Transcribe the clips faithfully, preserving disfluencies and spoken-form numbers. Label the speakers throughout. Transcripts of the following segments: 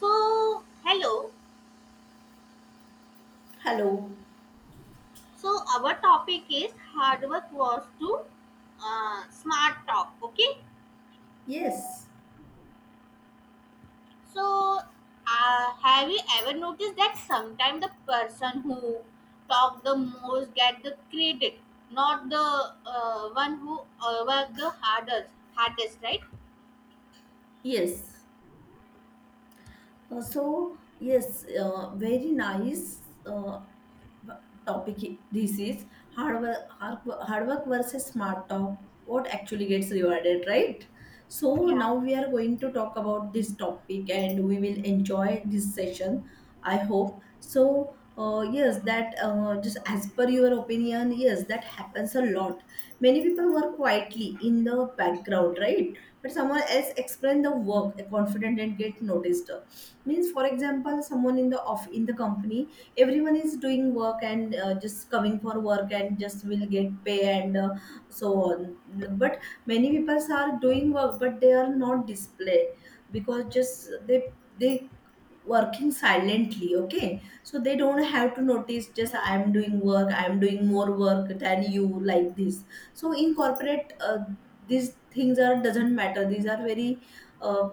Speaker 1: So, hello.
Speaker 2: Hello.
Speaker 1: So, our topic is hard work was to uh, smart talk. Okay.
Speaker 2: Yes.
Speaker 1: So, uh, have you ever noticed that sometimes the person who talk the most get the credit, not the uh, one who uh, work the hardest, hardest, right?
Speaker 2: Yes. Uh, so yes, uh, very nice. Uh, topic this is hard work, hard wo- hard work versus smart talk, what actually gets rewarded, right? So
Speaker 1: Yeah,
Speaker 2: now we are going to talk about this topic and we will enjoy this session. I hope so. Uh, yes, that uh, just as per your opinion, yes, that happens a lot. Many people work quietly in the background, right? But someone else explain the work confident and get noticed. Means for example, someone in the off in the company, everyone is doing work and uh, just coming for work and just will get pay and uh, so on. But many people are doing work, but they are not display because just they they working silently. Okay, so they don't have to notice. Just I
Speaker 1: yeah.
Speaker 2: am doing work, I am doing more work than you, like this. So in corporate, uh, these things are doesn't matter. These are very uh,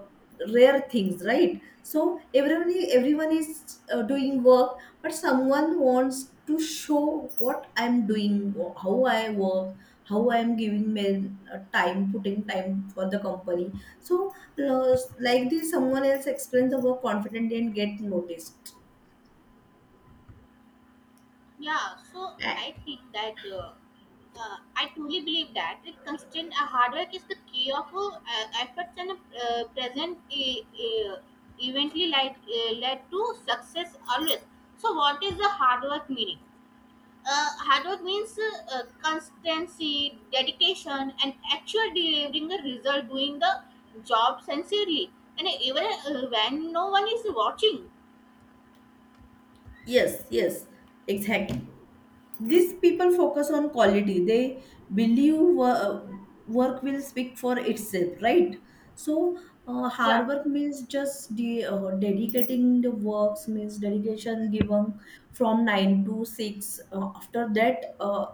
Speaker 2: rare things, right? So everyone is, everyone is uh, doing work, but someone wants to show what I'm doing, wh- how I work, how I'm giving my uh, time, putting time for the company. So uh, like this, someone else explains the work confidently and get noticed.
Speaker 1: Yeah, so
Speaker 2: Ah,
Speaker 1: I think that uh, uh, I truly believe that it constant uh, hard work is the key of uh, efforts and uh, present uh, uh, eventually led, uh, led to success always. So, what is the hard work meaning? Uh, hard work means uh, uh, constancy, dedication, and actual delivering the result, doing the job sincerely, and even uh, when no one is watching.
Speaker 2: yes, yes, exactly. These people focus on quality. They believe wo- work will speak for itself, right? So uh, hard
Speaker 1: Yeah.
Speaker 2: work means just de- uh, dedicating the works, means dedication given from nine to six. Uh, after that, uh,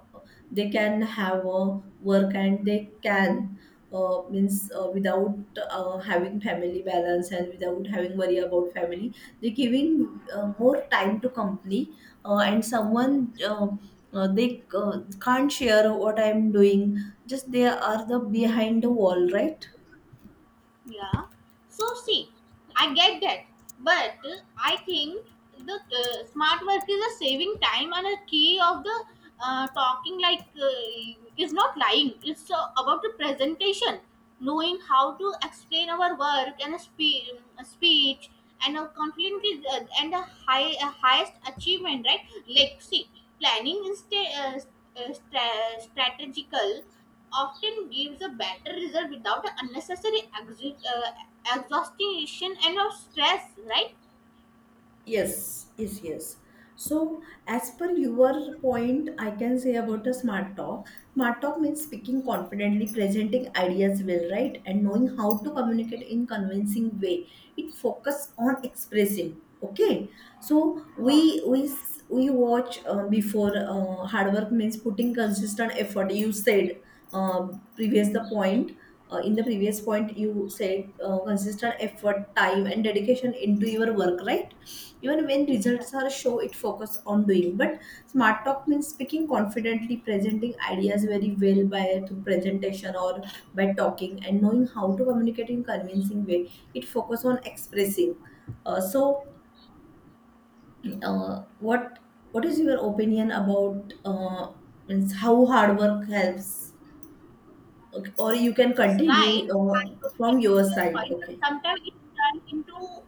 Speaker 2: they can have a work and they can, uh, means uh, without uh, having family balance and without having worry about family, they giving uh, more time to company. Uh, and someone uh, uh, they uh, can't share what I'm doing. Just they are the behind the wall, right?
Speaker 1: Yeah. So see, I get that, but uh, I think the uh, smart work is a saving time and a key of the uh, talking like uh, is not lying. It's uh, about the presentation, knowing how to explain our work and a, spe- a speech and a confidently uh, and a high a highest achievement, right? Like see, planning instead uh, st- uh, stra- strategical often gives a better result without unnecessary exu- uh, exhaustion and of stress, right?
Speaker 2: Yes, yes, yes. So, as per your point, I can say about a smart talk. Smart talk means speaking confidently, presenting ideas well, right? And knowing how to communicate in convincing way. It focus on expressing. Okay. So we
Speaker 1: Yeah.
Speaker 2: we s- we watch uh, before, uh, hard work means putting consistent effort. You said uh, previous the point. Uh, in the previous point, you said uh, consistent effort, time, and dedication into your work, right? Even when
Speaker 1: Right.
Speaker 2: results are show, it focus on doing. But smart talk means speaking confidently, presenting ideas very well by through presentation or by talking and knowing how to communicate in convincing way. It focus on expressing. Uh, so uh, what what is your opinion about, uh, means, how hard work helps? Okay, or you can
Speaker 1: It's right.
Speaker 2: continue
Speaker 1: I
Speaker 2: uh,
Speaker 1: totally
Speaker 2: from
Speaker 1: agree
Speaker 2: your
Speaker 1: with your
Speaker 2: side.
Speaker 1: point, but
Speaker 2: Okay.
Speaker 1: sometimes it turns into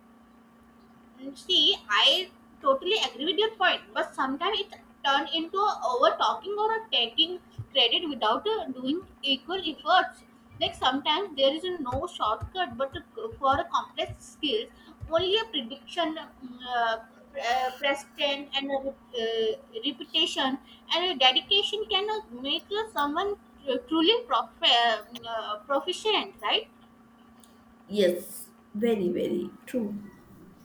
Speaker 1: Mm, see, I totally agree with your point, but sometimes it turn into over talking or a taking credit without uh, doing equal efforts. Like sometimes there is no shortcut, but to- for a complex skills, only a prediction, mm, uh, pre- uh, precedent, and a re- uh, reputation and a dedication can uh, make uh, someone tr- truly prof- uh, mm, uh, proficient, right?
Speaker 2: Yes, very, very true.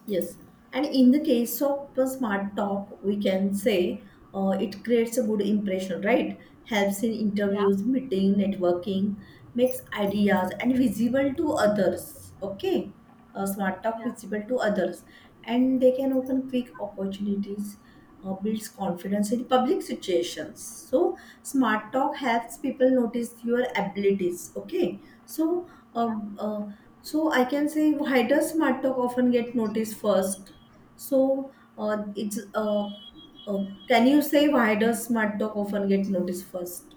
Speaker 2: Yes, and in the case of a smart talk, we can say uh, it creates a good impression, right? Helps in
Speaker 1: Yeah,
Speaker 2: interviews, meeting, networking, makes ideas and visible to others. Okay, uh, smart talk
Speaker 1: yeah,
Speaker 2: visible to others, and they can open quick opportunities. Or builds confidence in public situations. So smart talk helps people notice your abilities. Okay, so
Speaker 1: yeah.
Speaker 2: um, uh, so I can say, why does smart talk often get noticed first? So uh, it's uh, uh, can you say why does smart talk often get noticed first?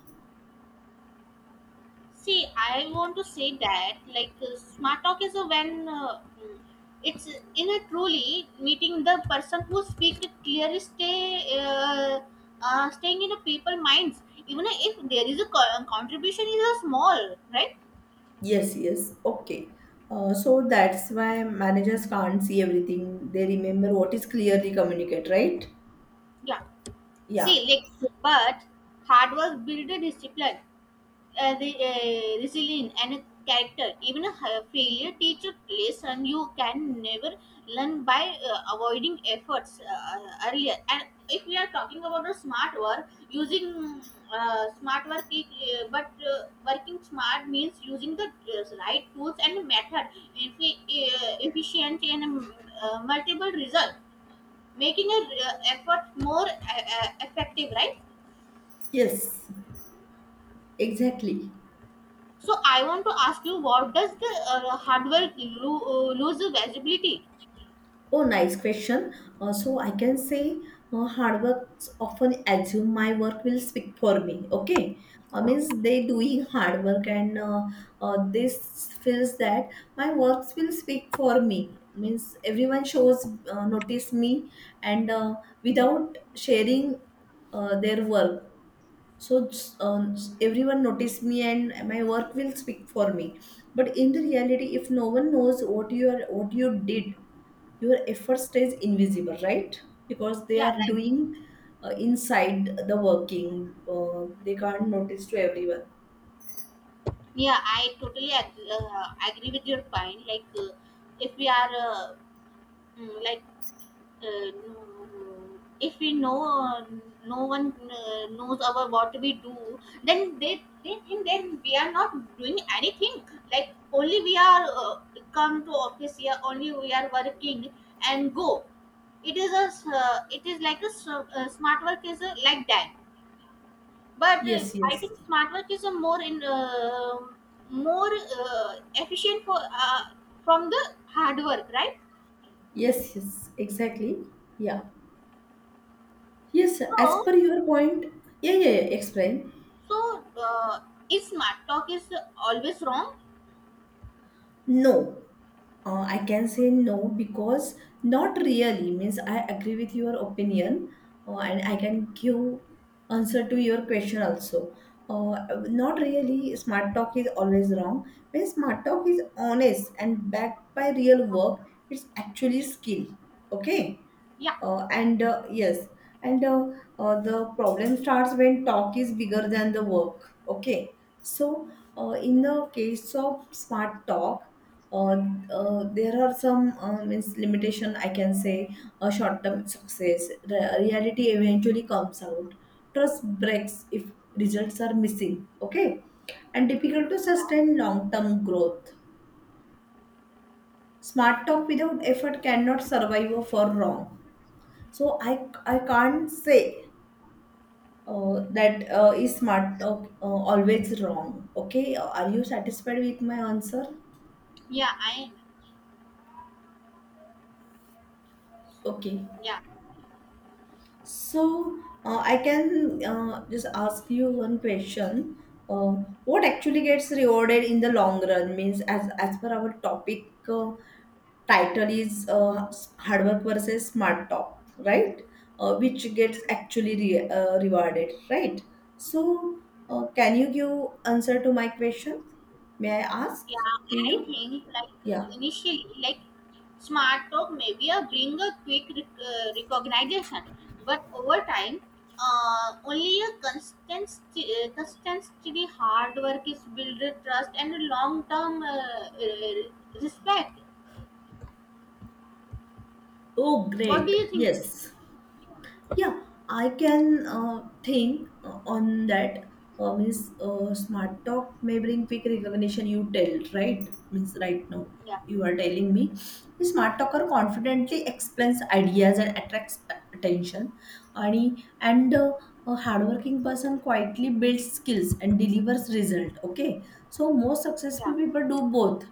Speaker 1: See, I want to say that like uh, smart talk is a when uh, mm, it's in a truly meeting the person who speak it clearly, stay uh, uh, staying in the people minds. Even if there is a co- uh, contribution is a small, right?
Speaker 2: Yes, yes, okay. Uh, so that's why managers can't see everything. They remember what is clearly communicated, right?
Speaker 1: Yeah. See,
Speaker 2: Yeah.
Speaker 1: like, but hard work build a discipline. Uh, the uh, resilient and character. Even a hi- failure teach a lesson you can never learn by uh, avoiding efforts uh, uh, earlier. And if we are talking about a smart work, using uh, smart work, I- uh, but uh, working smart means using the uh, right tools and method, effi- uh, efficient and um, uh, multiple result, making a uh, effort more uh, uh, effective, right?
Speaker 2: Yes. Exactly.
Speaker 1: So I want to ask you, what does the uh, hardware lo- uh, lose visibility?
Speaker 2: Oh, nice question. Uh, so I can say uh, hard work often assume my work will speak for me. Okay, uh,
Speaker 1: Yeah.
Speaker 2: means they doing hard work and, uh, uh, this feels that my works will speak for me. Means, everyone shows, uh, notice me and uh, without sharing uh, their work. So um, everyone notice me and my work will speak for me, but in the reality, if no one knows what you are, what you did, your effort stays invisible, right? Because they
Speaker 1: Yeah,
Speaker 2: are
Speaker 1: right.
Speaker 2: doing uh, inside the working, uh, they can't notice to everyone.
Speaker 1: Yeah, I totally agree, uh, agree with your point. Like, uh, if we are uh, mm, like, uh, mm, if we know uh, no one uh, knows about what we do, then they they think then we are not doing anything. Like only we are uh, come to office here, only we are working and go. It is a s- uh, it is like a, s- uh, smart work is a, like that. But uh,
Speaker 2: Yes,
Speaker 1: I
Speaker 2: yes,
Speaker 1: think smart work is a more in uh, more uh, efficient for uh, from the hard work, right?
Speaker 2: yes, yes, exactly. Yeah, yes, as
Speaker 1: So
Speaker 2: per your point. Yeah, yeah, yeah, explain.
Speaker 1: so uh, is smart talk is always wrong?
Speaker 2: No, uh, I can say no because not really, means I agree with your opinion, uh, and I can give answer to your question also. Uh, not really. Smart talk is always wrong. When smart talk is honest and backed by real work, it's actually skill. Okay.
Speaker 1: Yeah,
Speaker 2: Uh, and uh, yes, and uh, uh, The problem starts when talk is bigger than the work. Okay, so uh, in the case of smart talk, uh, uh, there are some, um, means, limitation I can say. A short-term success. Re- reality eventually comes out. Trust breaks if results are missing. Okay, and difficult to
Speaker 1: yeah,
Speaker 2: sustain long-term growth. Smart talk without effort cannot survive or for long. So I I can't say uh, that uh, is smart talk uh, always wrong. Okay, uh, are you satisfied with my answer?
Speaker 1: yeah. I
Speaker 2: Okay.
Speaker 1: yeah
Speaker 2: So, uh, I can uh, just ask you one question. Uh, what
Speaker 1: yeah
Speaker 2: actually gets rewarded in the long run, means, as as per our topic, uh, title is, uh, s- hard work versus smart talk, right? Uh, which
Speaker 1: yeah.
Speaker 2: gets actually re- uh, rewarded, right? So, uh, can you give answer to my question? May I ask to
Speaker 1: Yeah, I
Speaker 2: you?
Speaker 1: think like uh,
Speaker 2: Yeah.
Speaker 1: initially, like smart talk maybe a bring a quick rec- uh, recognition, but over time, uh, only a constant, st- uh, constant steady hard work is build a trust and a long term uh, uh, respect.
Speaker 2: Oh,
Speaker 1: What do
Speaker 2: great.
Speaker 1: you think?
Speaker 2: Yes. Yeah, I can uh, think uh, on that. Uh, means uh, Smart talk may bring quick recognition. You tell, right? Means, right now
Speaker 1: Yeah,
Speaker 2: you are telling me the smart talker confidently explains ideas and attracts attention. And and uh, a hardworking person quietly builds skills and delivers result. Okay, so most successful
Speaker 1: yeah.
Speaker 2: people do both.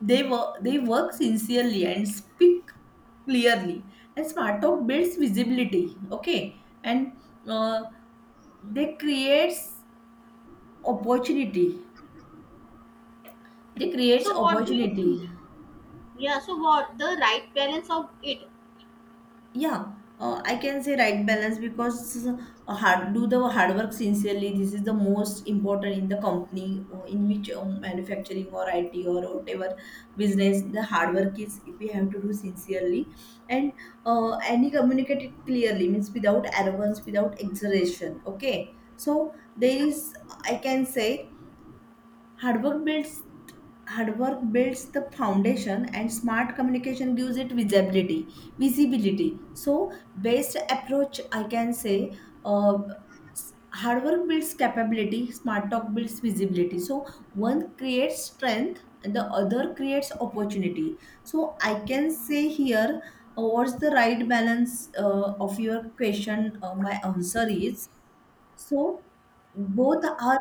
Speaker 2: They work, they work sincerely and speak clearly. And smart talk builds visibility. Okay, and uh, they creates opportunity. They creates
Speaker 1: So what do you
Speaker 2: opportunity.
Speaker 1: think? Yeah. So what the right balance of it?
Speaker 2: Yeah, uh, I can say right balance because, uh, hard, do the hard work sincerely, this is the most important in the company or in which, um, manufacturing or it or whatever business, the hard work is we have to do sincerely. And uh, and he communicate it clearly, means without arrogance, without exaggeration. Okay, so there
Speaker 1: Yeah,
Speaker 2: is, I can say, hard work builds, hard work builds the foundation and smart communication gives it visibility, visibility. So best approach I can say, uh, s- hard work builds capability, smart talk builds visibility. So one creates strength and the other creates opportunity. So I can say here, uh, what's the right balance, uh, of your question, uh, my answer is, so both are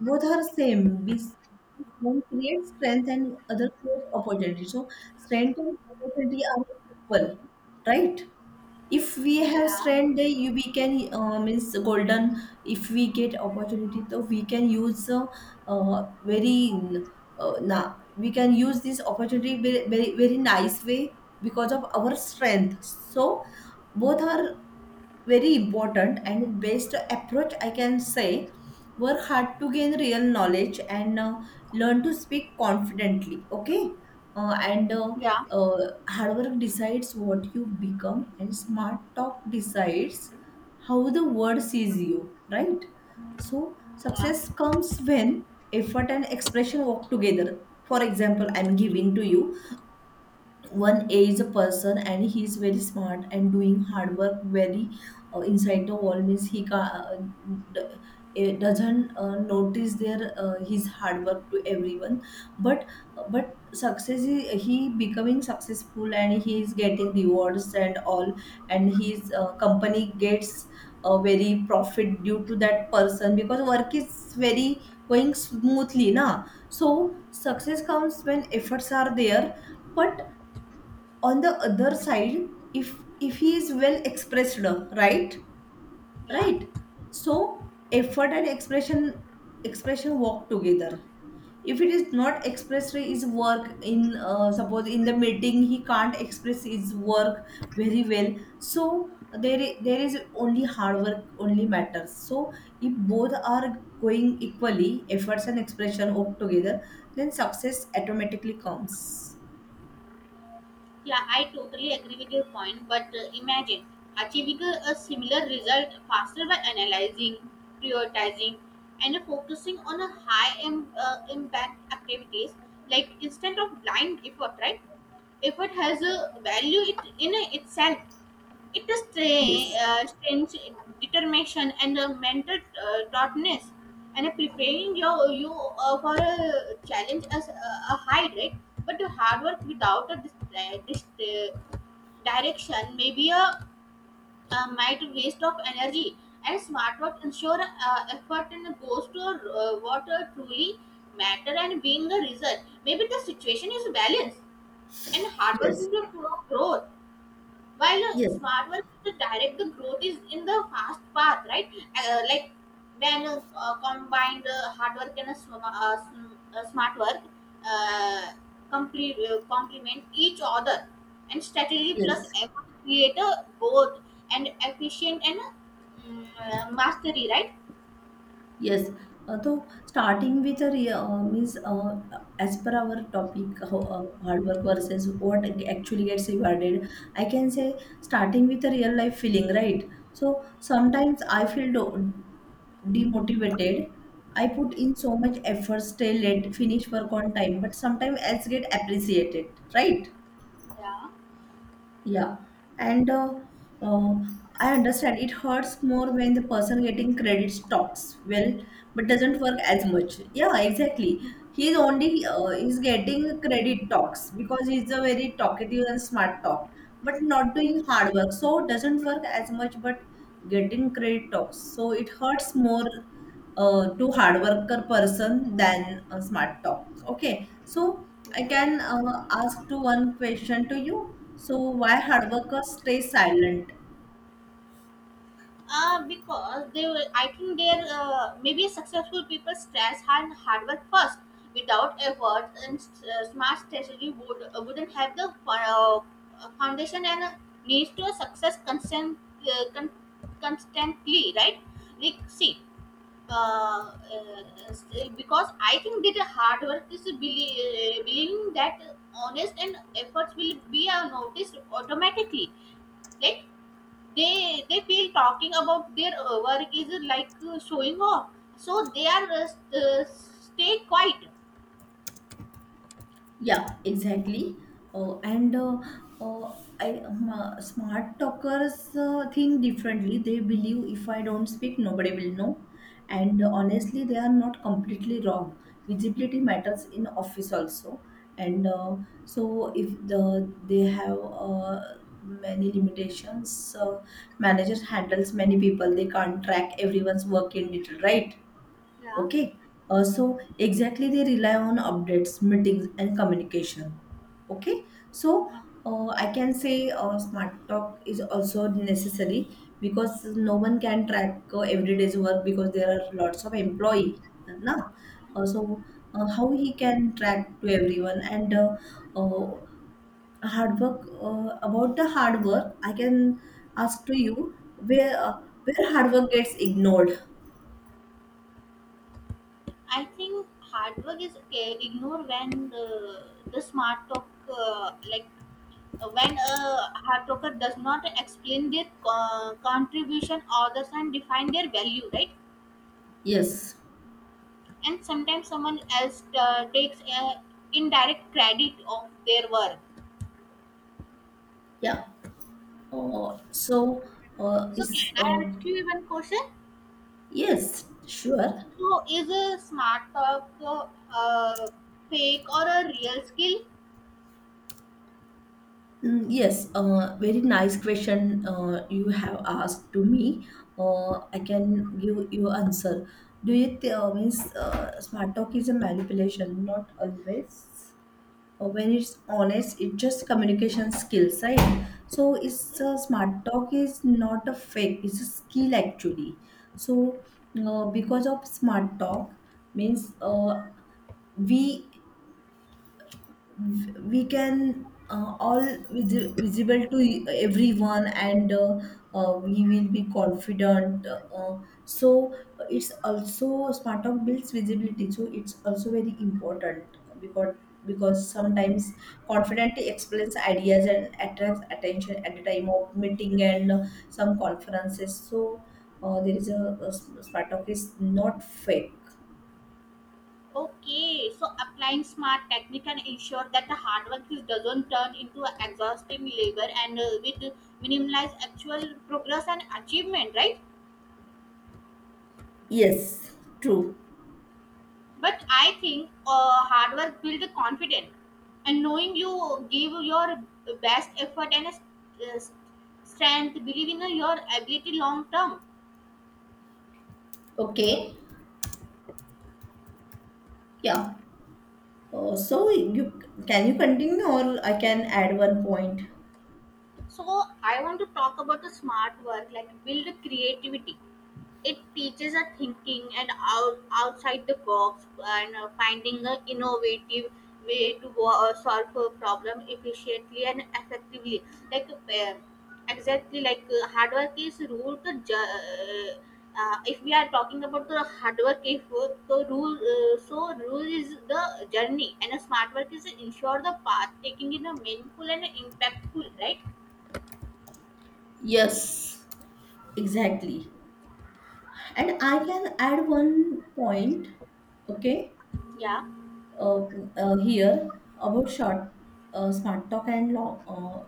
Speaker 2: both are same. Bes- One creates strength and other creates opportunity. So strength and opportunity are equal, right? If we have
Speaker 1: yeah,
Speaker 2: strength, then you we can, uh, means, golden. If we get opportunity, so we can use, uh, uh, very, uh, na we can use this opportunity very, very, very nice way because of our strength. So both are very important. And best approach I can say, work hard to gain real knowledge and uh, learn to speak confidently. Okay. Uh, and uh,
Speaker 1: yeah,
Speaker 2: uh, Hard work decides what you become and smart talk decides how the world sees you, right? So success
Speaker 1: yeah.
Speaker 2: comes when effort and expression work together. For example, I'm giving to you, one A is a person and he is very smart and doing hard work very uh, inside the wall, means he, ca- uh, d- eh, doesn't uh, notice their, uh, his hard work to everyone. But uh, but success is, he becoming successful and he is getting rewards and all, and his uh, company gets a very profit due to that person because work is very going smoothly, na. So success comes when efforts are there. But on the other side, if if he is well expressed, uh, right?
Speaker 1: Yeah.
Speaker 2: Right. So effort and expression, expression walk together. If it is not expressed his work in, uh, suppose in the meeting he can't express his work very well, so there i- there is only hard work only matters. So if both are going equally, efforts and expression work together, then success automatically comes.
Speaker 1: Yeah, I totally agree with your point, but uh, imagine achieving a, a similar result faster by analyzing, prioritizing, and focusing on a high Im- uh, impact activities like instead of blind effort, right? Effort has a value it, in itself, it is
Speaker 2: Yes,
Speaker 1: stra- uh, strange determination and a mental uh, toughness and preparing your, you uh, for a challenge as a, a high rate, but the hard work without a dis- uh, dis- uh, direction may be a, a might waste of energy and smart work ensure uh, effort and goes to uh, what uh, truly matter and being the result maybe the situation is balanced and hard work
Speaker 2: yes,
Speaker 1: is a proof of growth while a
Speaker 2: yes.
Speaker 1: smart work, to direct the growth is in the fast path, right? Uh, like when uh, uh, combined uh, hard work and a, sm- uh, sm- uh, smart work uh, complete, uh, complement each other and strategy plus
Speaker 2: Yes,
Speaker 1: effort create a both and efficient and uh, mm, uh, mastery, right?
Speaker 2: yes. Uh, so starting with a re- uh, means uh, as per our topic, ho- uh, hard work versus what ac- actually gets rewarded. I can say starting with a real life feeling, right? So sometimes I feel do- demotivated. I put in so much effort, stay late, finish work on time, but sometimes as get appreciated, right?
Speaker 1: Yeah.
Speaker 2: Yeah, and uh, uh, I understand it hurts more when the person getting credits talks well but doesn't work as much. Yeah, exactly. He's only, uh, he's getting credit talks because he's a very talkative and smart talk, but not doing hard work, so doesn't work as much. But getting credit talks, so it hurts more uh, to hard worker person than a smart talk. Okay, so I
Speaker 1: Okay.
Speaker 2: can uh, ask to one question to you. So why hard workers stay silent?
Speaker 1: Uh, because they will, I think they're uh, maybe successful people stress and hard work first. Without effort and s- uh, smart strategy, would uh, wouldn't have the fo- uh, uh, foundation and uh, needs to success constant, uh, con- constantly, right? Like see, uh, uh, s- uh, because I think that the hard work is belie- uh, believing that honest and efforts will be uh, noticed automatically. Like they they feel talking about their uh, work is uh, like uh, showing off so they are uh, st- uh, stay quiet.
Speaker 2: Yeah, exactly. Uh, and uh, uh, I, um, uh, Smart talkers uh, think differently. They believe, if I don't speak, nobody will know. And uh, honestly, they are not completely wrong. Visibility matters in office also. And uh, so if the they have uh, many limitations. Uh, managers handles many people. They can't track everyone's work in detail, right?
Speaker 1: Yeah.
Speaker 2: Okay. Uh, so exactly they rely on updates, meetings, and communication. Okay. So uh, I can say uh, smart talk is also necessary because no one can track uh, every day's work because there are lots of employee. Now, uh, so uh, how he can track to everyone. And uh, uh, Hard work, uh, about the hard work I can ask to you where uh, where hard work gets ignored.
Speaker 1: I think hard work is uh, ignore when the, the smart talk uh, like uh, when a hard talker does not explain their uh, contribution others and define their value, right?
Speaker 2: Yes.
Speaker 1: And sometimes someone else uh, takes uh, indirect credit of their work.
Speaker 2: Yeah. Uh, so uh,
Speaker 1: So
Speaker 2: is
Speaker 1: can I ask you
Speaker 2: um
Speaker 1: one question.
Speaker 2: yes sure.
Speaker 1: So, is a smart talk uh, a fake or a real skill?
Speaker 2: Mm, yes, uh, very nice question uh, you have asked to me. uh, I can give you answer. Do you th- uh, means uh, Smart talk is a manipulation, not always. Uh, when it's honest, it's just communication skills, right? So it's uh, smart talk is not a fake, it's a skill actually. So uh, because of smart talk, means uh, we we can uh, all visi- visible to e-, everyone, and uh, uh, we will be confident. Uh, so it's also smart talk builds visibility, so it's also very important, because because sometimes confidently explains ideas and attracts attention at the time of meeting and uh, some conferences. So uh, there is a, a smart talk is not fake.
Speaker 1: Okay, so applying smart technique can ensure that the hard work is- doesn't turn into a exhausting labor and uh, with minimize actual progress and achievement, right?
Speaker 2: Yes, true.
Speaker 1: But I think uh, hard work builds confidence, and knowing you give your best effort and uh, strength, believe in your ability long term.
Speaker 2: Okay. Yeah. Uh, so you can you continue or I can add one point.
Speaker 1: So I want to talk about the smart work, like build creativity. It teaches a thinking and out, outside the box and uh, finding an innovative way to wo- uh, solve a problem efficiently and effectively. Like uh, exactly like uh, hard work is rule to ju- uh, uh, if we are talking about the hard work, if uh, the rule uh, so rule is the journey and a smart work is ensure the path taking in a meaningful and impactful, right?
Speaker 2: Yes. Exactly. And I can add one point. Okay.
Speaker 1: Yeah.
Speaker 2: uh, uh, Here about short uh, smart talk and law, uh,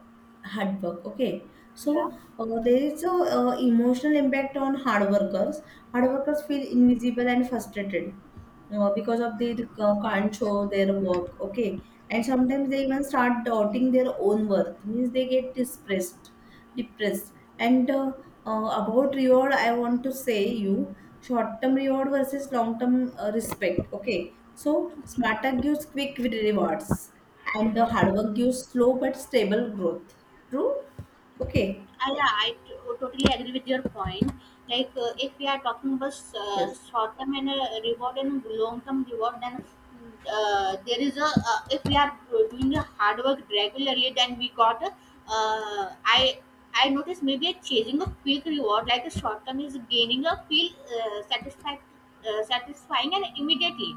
Speaker 2: hard work, okay.
Speaker 1: Yeah,
Speaker 2: So uh, there is a uh, emotional impact on hard workers. Hard workers feel invisible and frustrated uh, because of they uh, can't show their work, okay. And sometimes they even start doubting their own worth, means they get depressed, depressed. And uh, uh, About reward, I want to say you short term reward versus long term uh, respect, okay. So smart work gives quick rewards, and the hard work gives slow but stable growth. True? Okay.
Speaker 1: I, yeah, I t- totally agree with your point. Like, uh, if we are talking about uh,
Speaker 2: Yes.
Speaker 1: short term and uh, reward and long term reward, then uh, there is a uh, if we are doing a hard work regularly, then we got a uh, I I notice maybe a chasing a quick reward like a short term is gaining a feel uh, satisfied uh, satisfying and immediately,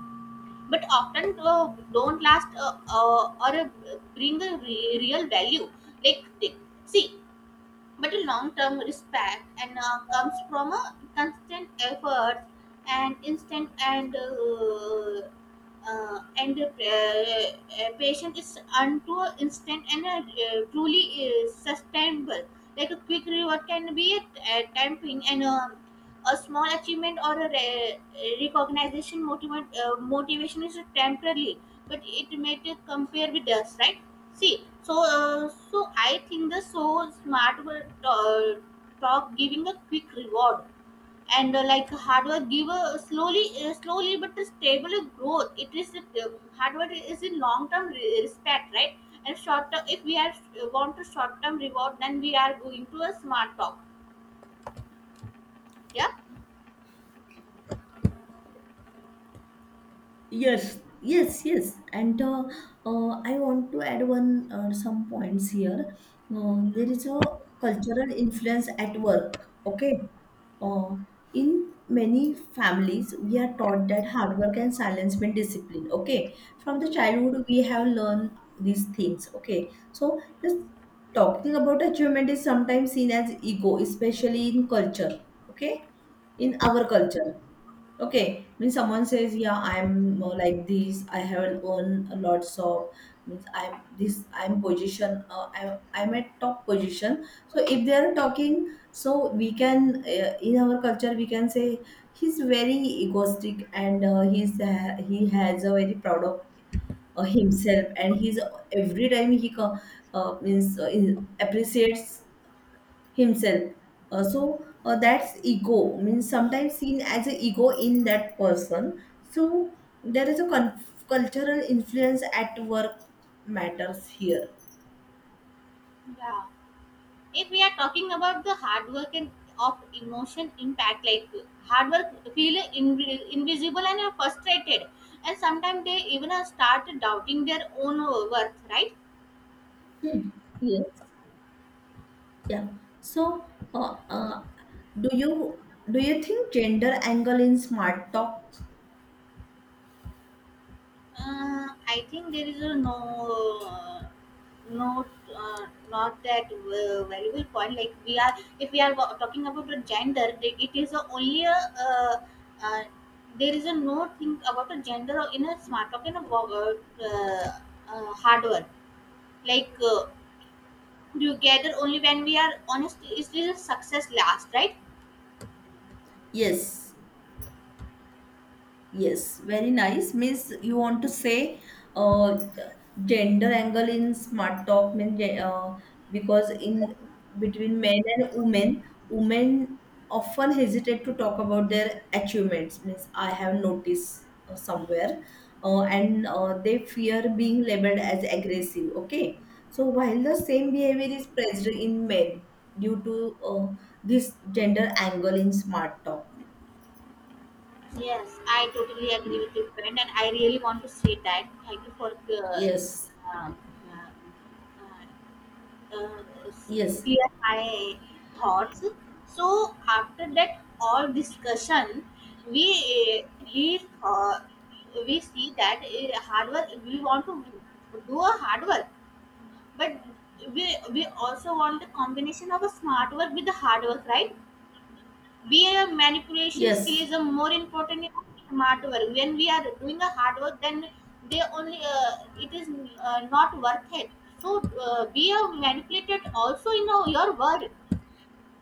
Speaker 1: but often uh, don't last uh, uh, or uh, bring a re- real value. Like, see but a long-term respect and uh, comes from a constant effort and instant and uh, uh, and uh, uh, patient is unto instant and uh, uh, truly uh, sustainable like a quick reward can be a, a tempting and um a small achievement or a re- recognition motivate, uh, motivation is temporary but it may compare with us, right? See, so uh, so I think the so smart work uh, talk giving a quick reward and uh, like hard work give a slowly uh, slowly but a stable growth. It is uh, hard work is in long term re- respect, right? And short term, if we are uh, want to short term reward, then we are going to a smart talk. Yeah,
Speaker 2: Yes, yes, yes. And uh, uh, I want to add one uh, some points here. Uh, there is a cultural influence at work. Okay. Uh, in many families, we are taught that hard work and silence mean discipline. Okay. From the childhood, we have learned these things. Okay. So just talking about achievement is sometimes seen as ego, especially in culture. Okay. In our culture. Okay, means someone says, "Yeah, I'm uh, like this. I haven't earned a lots of means I'm this. I'm position. Uh, I'm I'm at top position. So if they are talking, so we can uh, in our culture we can say he's very egoistic, and uh, he's uh, he has a very proud of uh, himself, and he's every time he co- uh, means uh, in, appreciates himself. Uh, so uh, that's ego, means sometimes seen as an ego in that person. So there is a con- cultural influence at work matters here.
Speaker 1: yeah. If we are talking about the hard work and of emotion impact, like hard work feel inv- invisible and are frustrated, and sometimes they even are start doubting their own worth, right?
Speaker 2: Yes. Yeah. So uh, uh, do you do you think gender angle in smart talk?
Speaker 1: Uh, I think there is a no, no, uh, not that uh, valuable point. Like we are, if we are wa- talking about a gender, the- it is a only a. Uh, uh, there is a no thing about a gender or in a smart talk in a wo- uh, uh, hard work like uh, together only when we are honest it is a success last, right?
Speaker 2: Yes. Yes, very nice. Means you want to say uh, gender angle in smart talk means ge- uh, because in between men and women, women often hesitate to talk about their achievements. Means I have noticed uh, somewhere, uh, and uh, they fear being labeled as aggressive. Okay, so while the same behavior is present in men due to uh, this gender angle in smart talk.
Speaker 1: Yes, I totally agree
Speaker 2: Ye-
Speaker 1: with you friend and I really want to say that thank you for uh,
Speaker 2: Yes,
Speaker 1: um, uh, uh, uh, s-
Speaker 2: yes.
Speaker 1: clear my thoughts. So after that all discussion we uh, we uh, we see that uh, hard work we want to do a hard work. But we we also want a combination of a smart work with the hard work, right? B A manipulation skill
Speaker 2: Yes,
Speaker 1: is a more important in smart work. When we are doing a hard work, then they only uh, it is uh, not worth it. So uh, be a manipulated also in a, your work.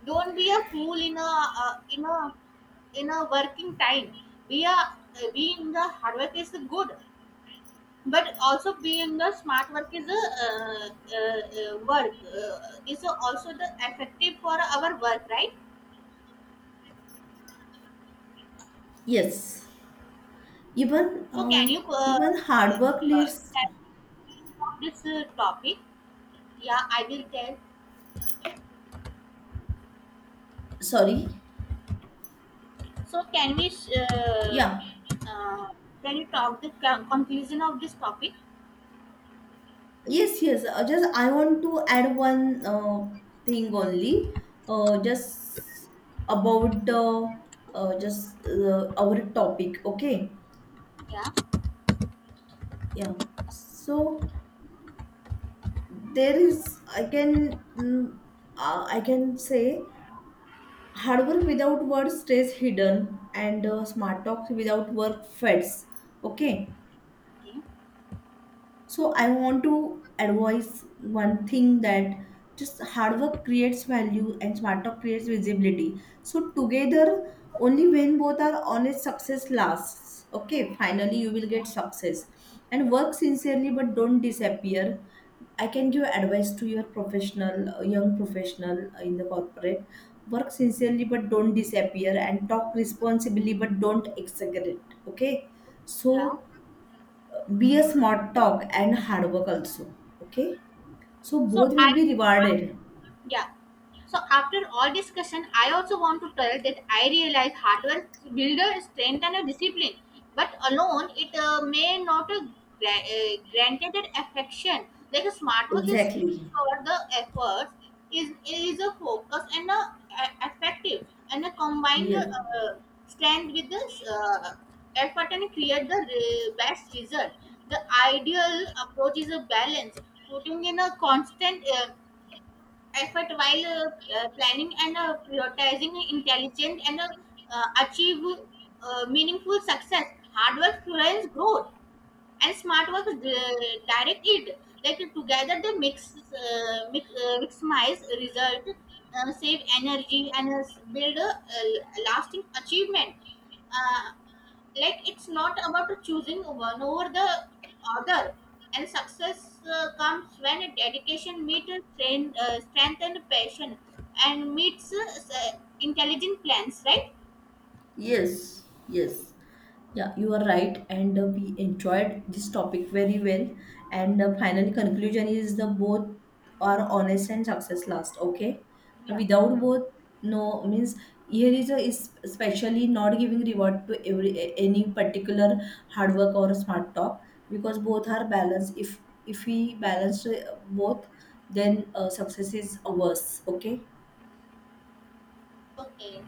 Speaker 1: Don't be a fool in a uh, in a in a working time. Be a uh, being the hard work is good but also being the smart work is a uh, uh, uh, work uh, is also the effective for our work, right?
Speaker 2: yes. Even
Speaker 1: So can
Speaker 2: uh,
Speaker 1: you uh,
Speaker 2: even hard work
Speaker 1: uh,
Speaker 2: leads.
Speaker 1: tell me about this uh, topic. Yeah I will tell
Speaker 2: Sorry.
Speaker 1: so can we uh,
Speaker 2: Yeah.
Speaker 1: uh, can you talk the con- conclusion of this topic.
Speaker 2: Yes, yes. Uh, just I want to add one uh, thing only. Uh, just about uh, uh, just uh, our topic. Okay.
Speaker 1: Yeah
Speaker 2: Yeah. So there is. I can. Mm, uh, I can say hard work without words stays hidden, and uh, smart talk without work fades. Okay.
Speaker 1: okay
Speaker 2: So I want to advise one thing that just hard work creates value and smart talk creates visibility. So together, only when both are honest, success lasts. Okay, finally you will get success. And work sincerely, but don't disappear. I can give advice to your professional, uh, young professional uh, in the corporate. Work sincerely, but don't disappear, and talk responsibly, but don't exaggerate. Okay,
Speaker 1: yeah
Speaker 2: so be a smart talk and hard work also, okay, so
Speaker 1: so
Speaker 2: both will
Speaker 1: I
Speaker 2: be rewarded.
Speaker 1: Yeah. So after all discussion, I also want to tell that I realize hardware builder strength and a discipline, but alone it uh, may not uh, gra- uh, granted that affection. Like a smart work is
Speaker 2: Exactly.
Speaker 1: for the effort is is a focus and a, a effective and a combined
Speaker 2: Yes.
Speaker 1: uh, strength with this uh, effort and create the re- best result. The ideal approach is a balance, putting in a constant. Uh, effort while uh, uh, planning and uh, prioritizing intelligent and uh, uh, achieve uh, meaningful success. Hard work fuels growth and smart work di- direct it like together they mix uh, mix uh, maximize result uh, save energy and uh, build a, a lasting achievement uh, like it's not about choosing one over the other and success uh, comes when a dedication meets strength, uh, strength and passion and meets uh, s- uh, intelligent plans, right?
Speaker 2: Yes, yes. Yeah, you are right, and uh, we enjoyed this topic very well. And uh, final conclusion is the both are honest and success last. Okay,
Speaker 1: Yeah.
Speaker 2: without both, no means here is a is especially not giving reward to every a- any particular hard work or smart talk, because both are balanced. If if we balance uh, both, then uh, success is ours. Okay.
Speaker 1: Okay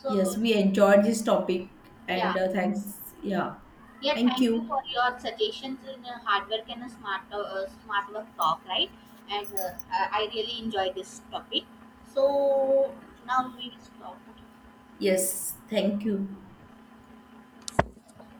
Speaker 1: so
Speaker 2: Yes, we enjoyed this topic, and
Speaker 1: yeah.
Speaker 2: uh, thanks. Yeah.
Speaker 1: Yeah,
Speaker 2: Thank
Speaker 1: thank you
Speaker 2: you.
Speaker 1: for your suggestions in a hard work and a smart uh, smart work talk, right? And uh, I I really enjoy this topic. So now we will stop.
Speaker 2: Yes, thank you.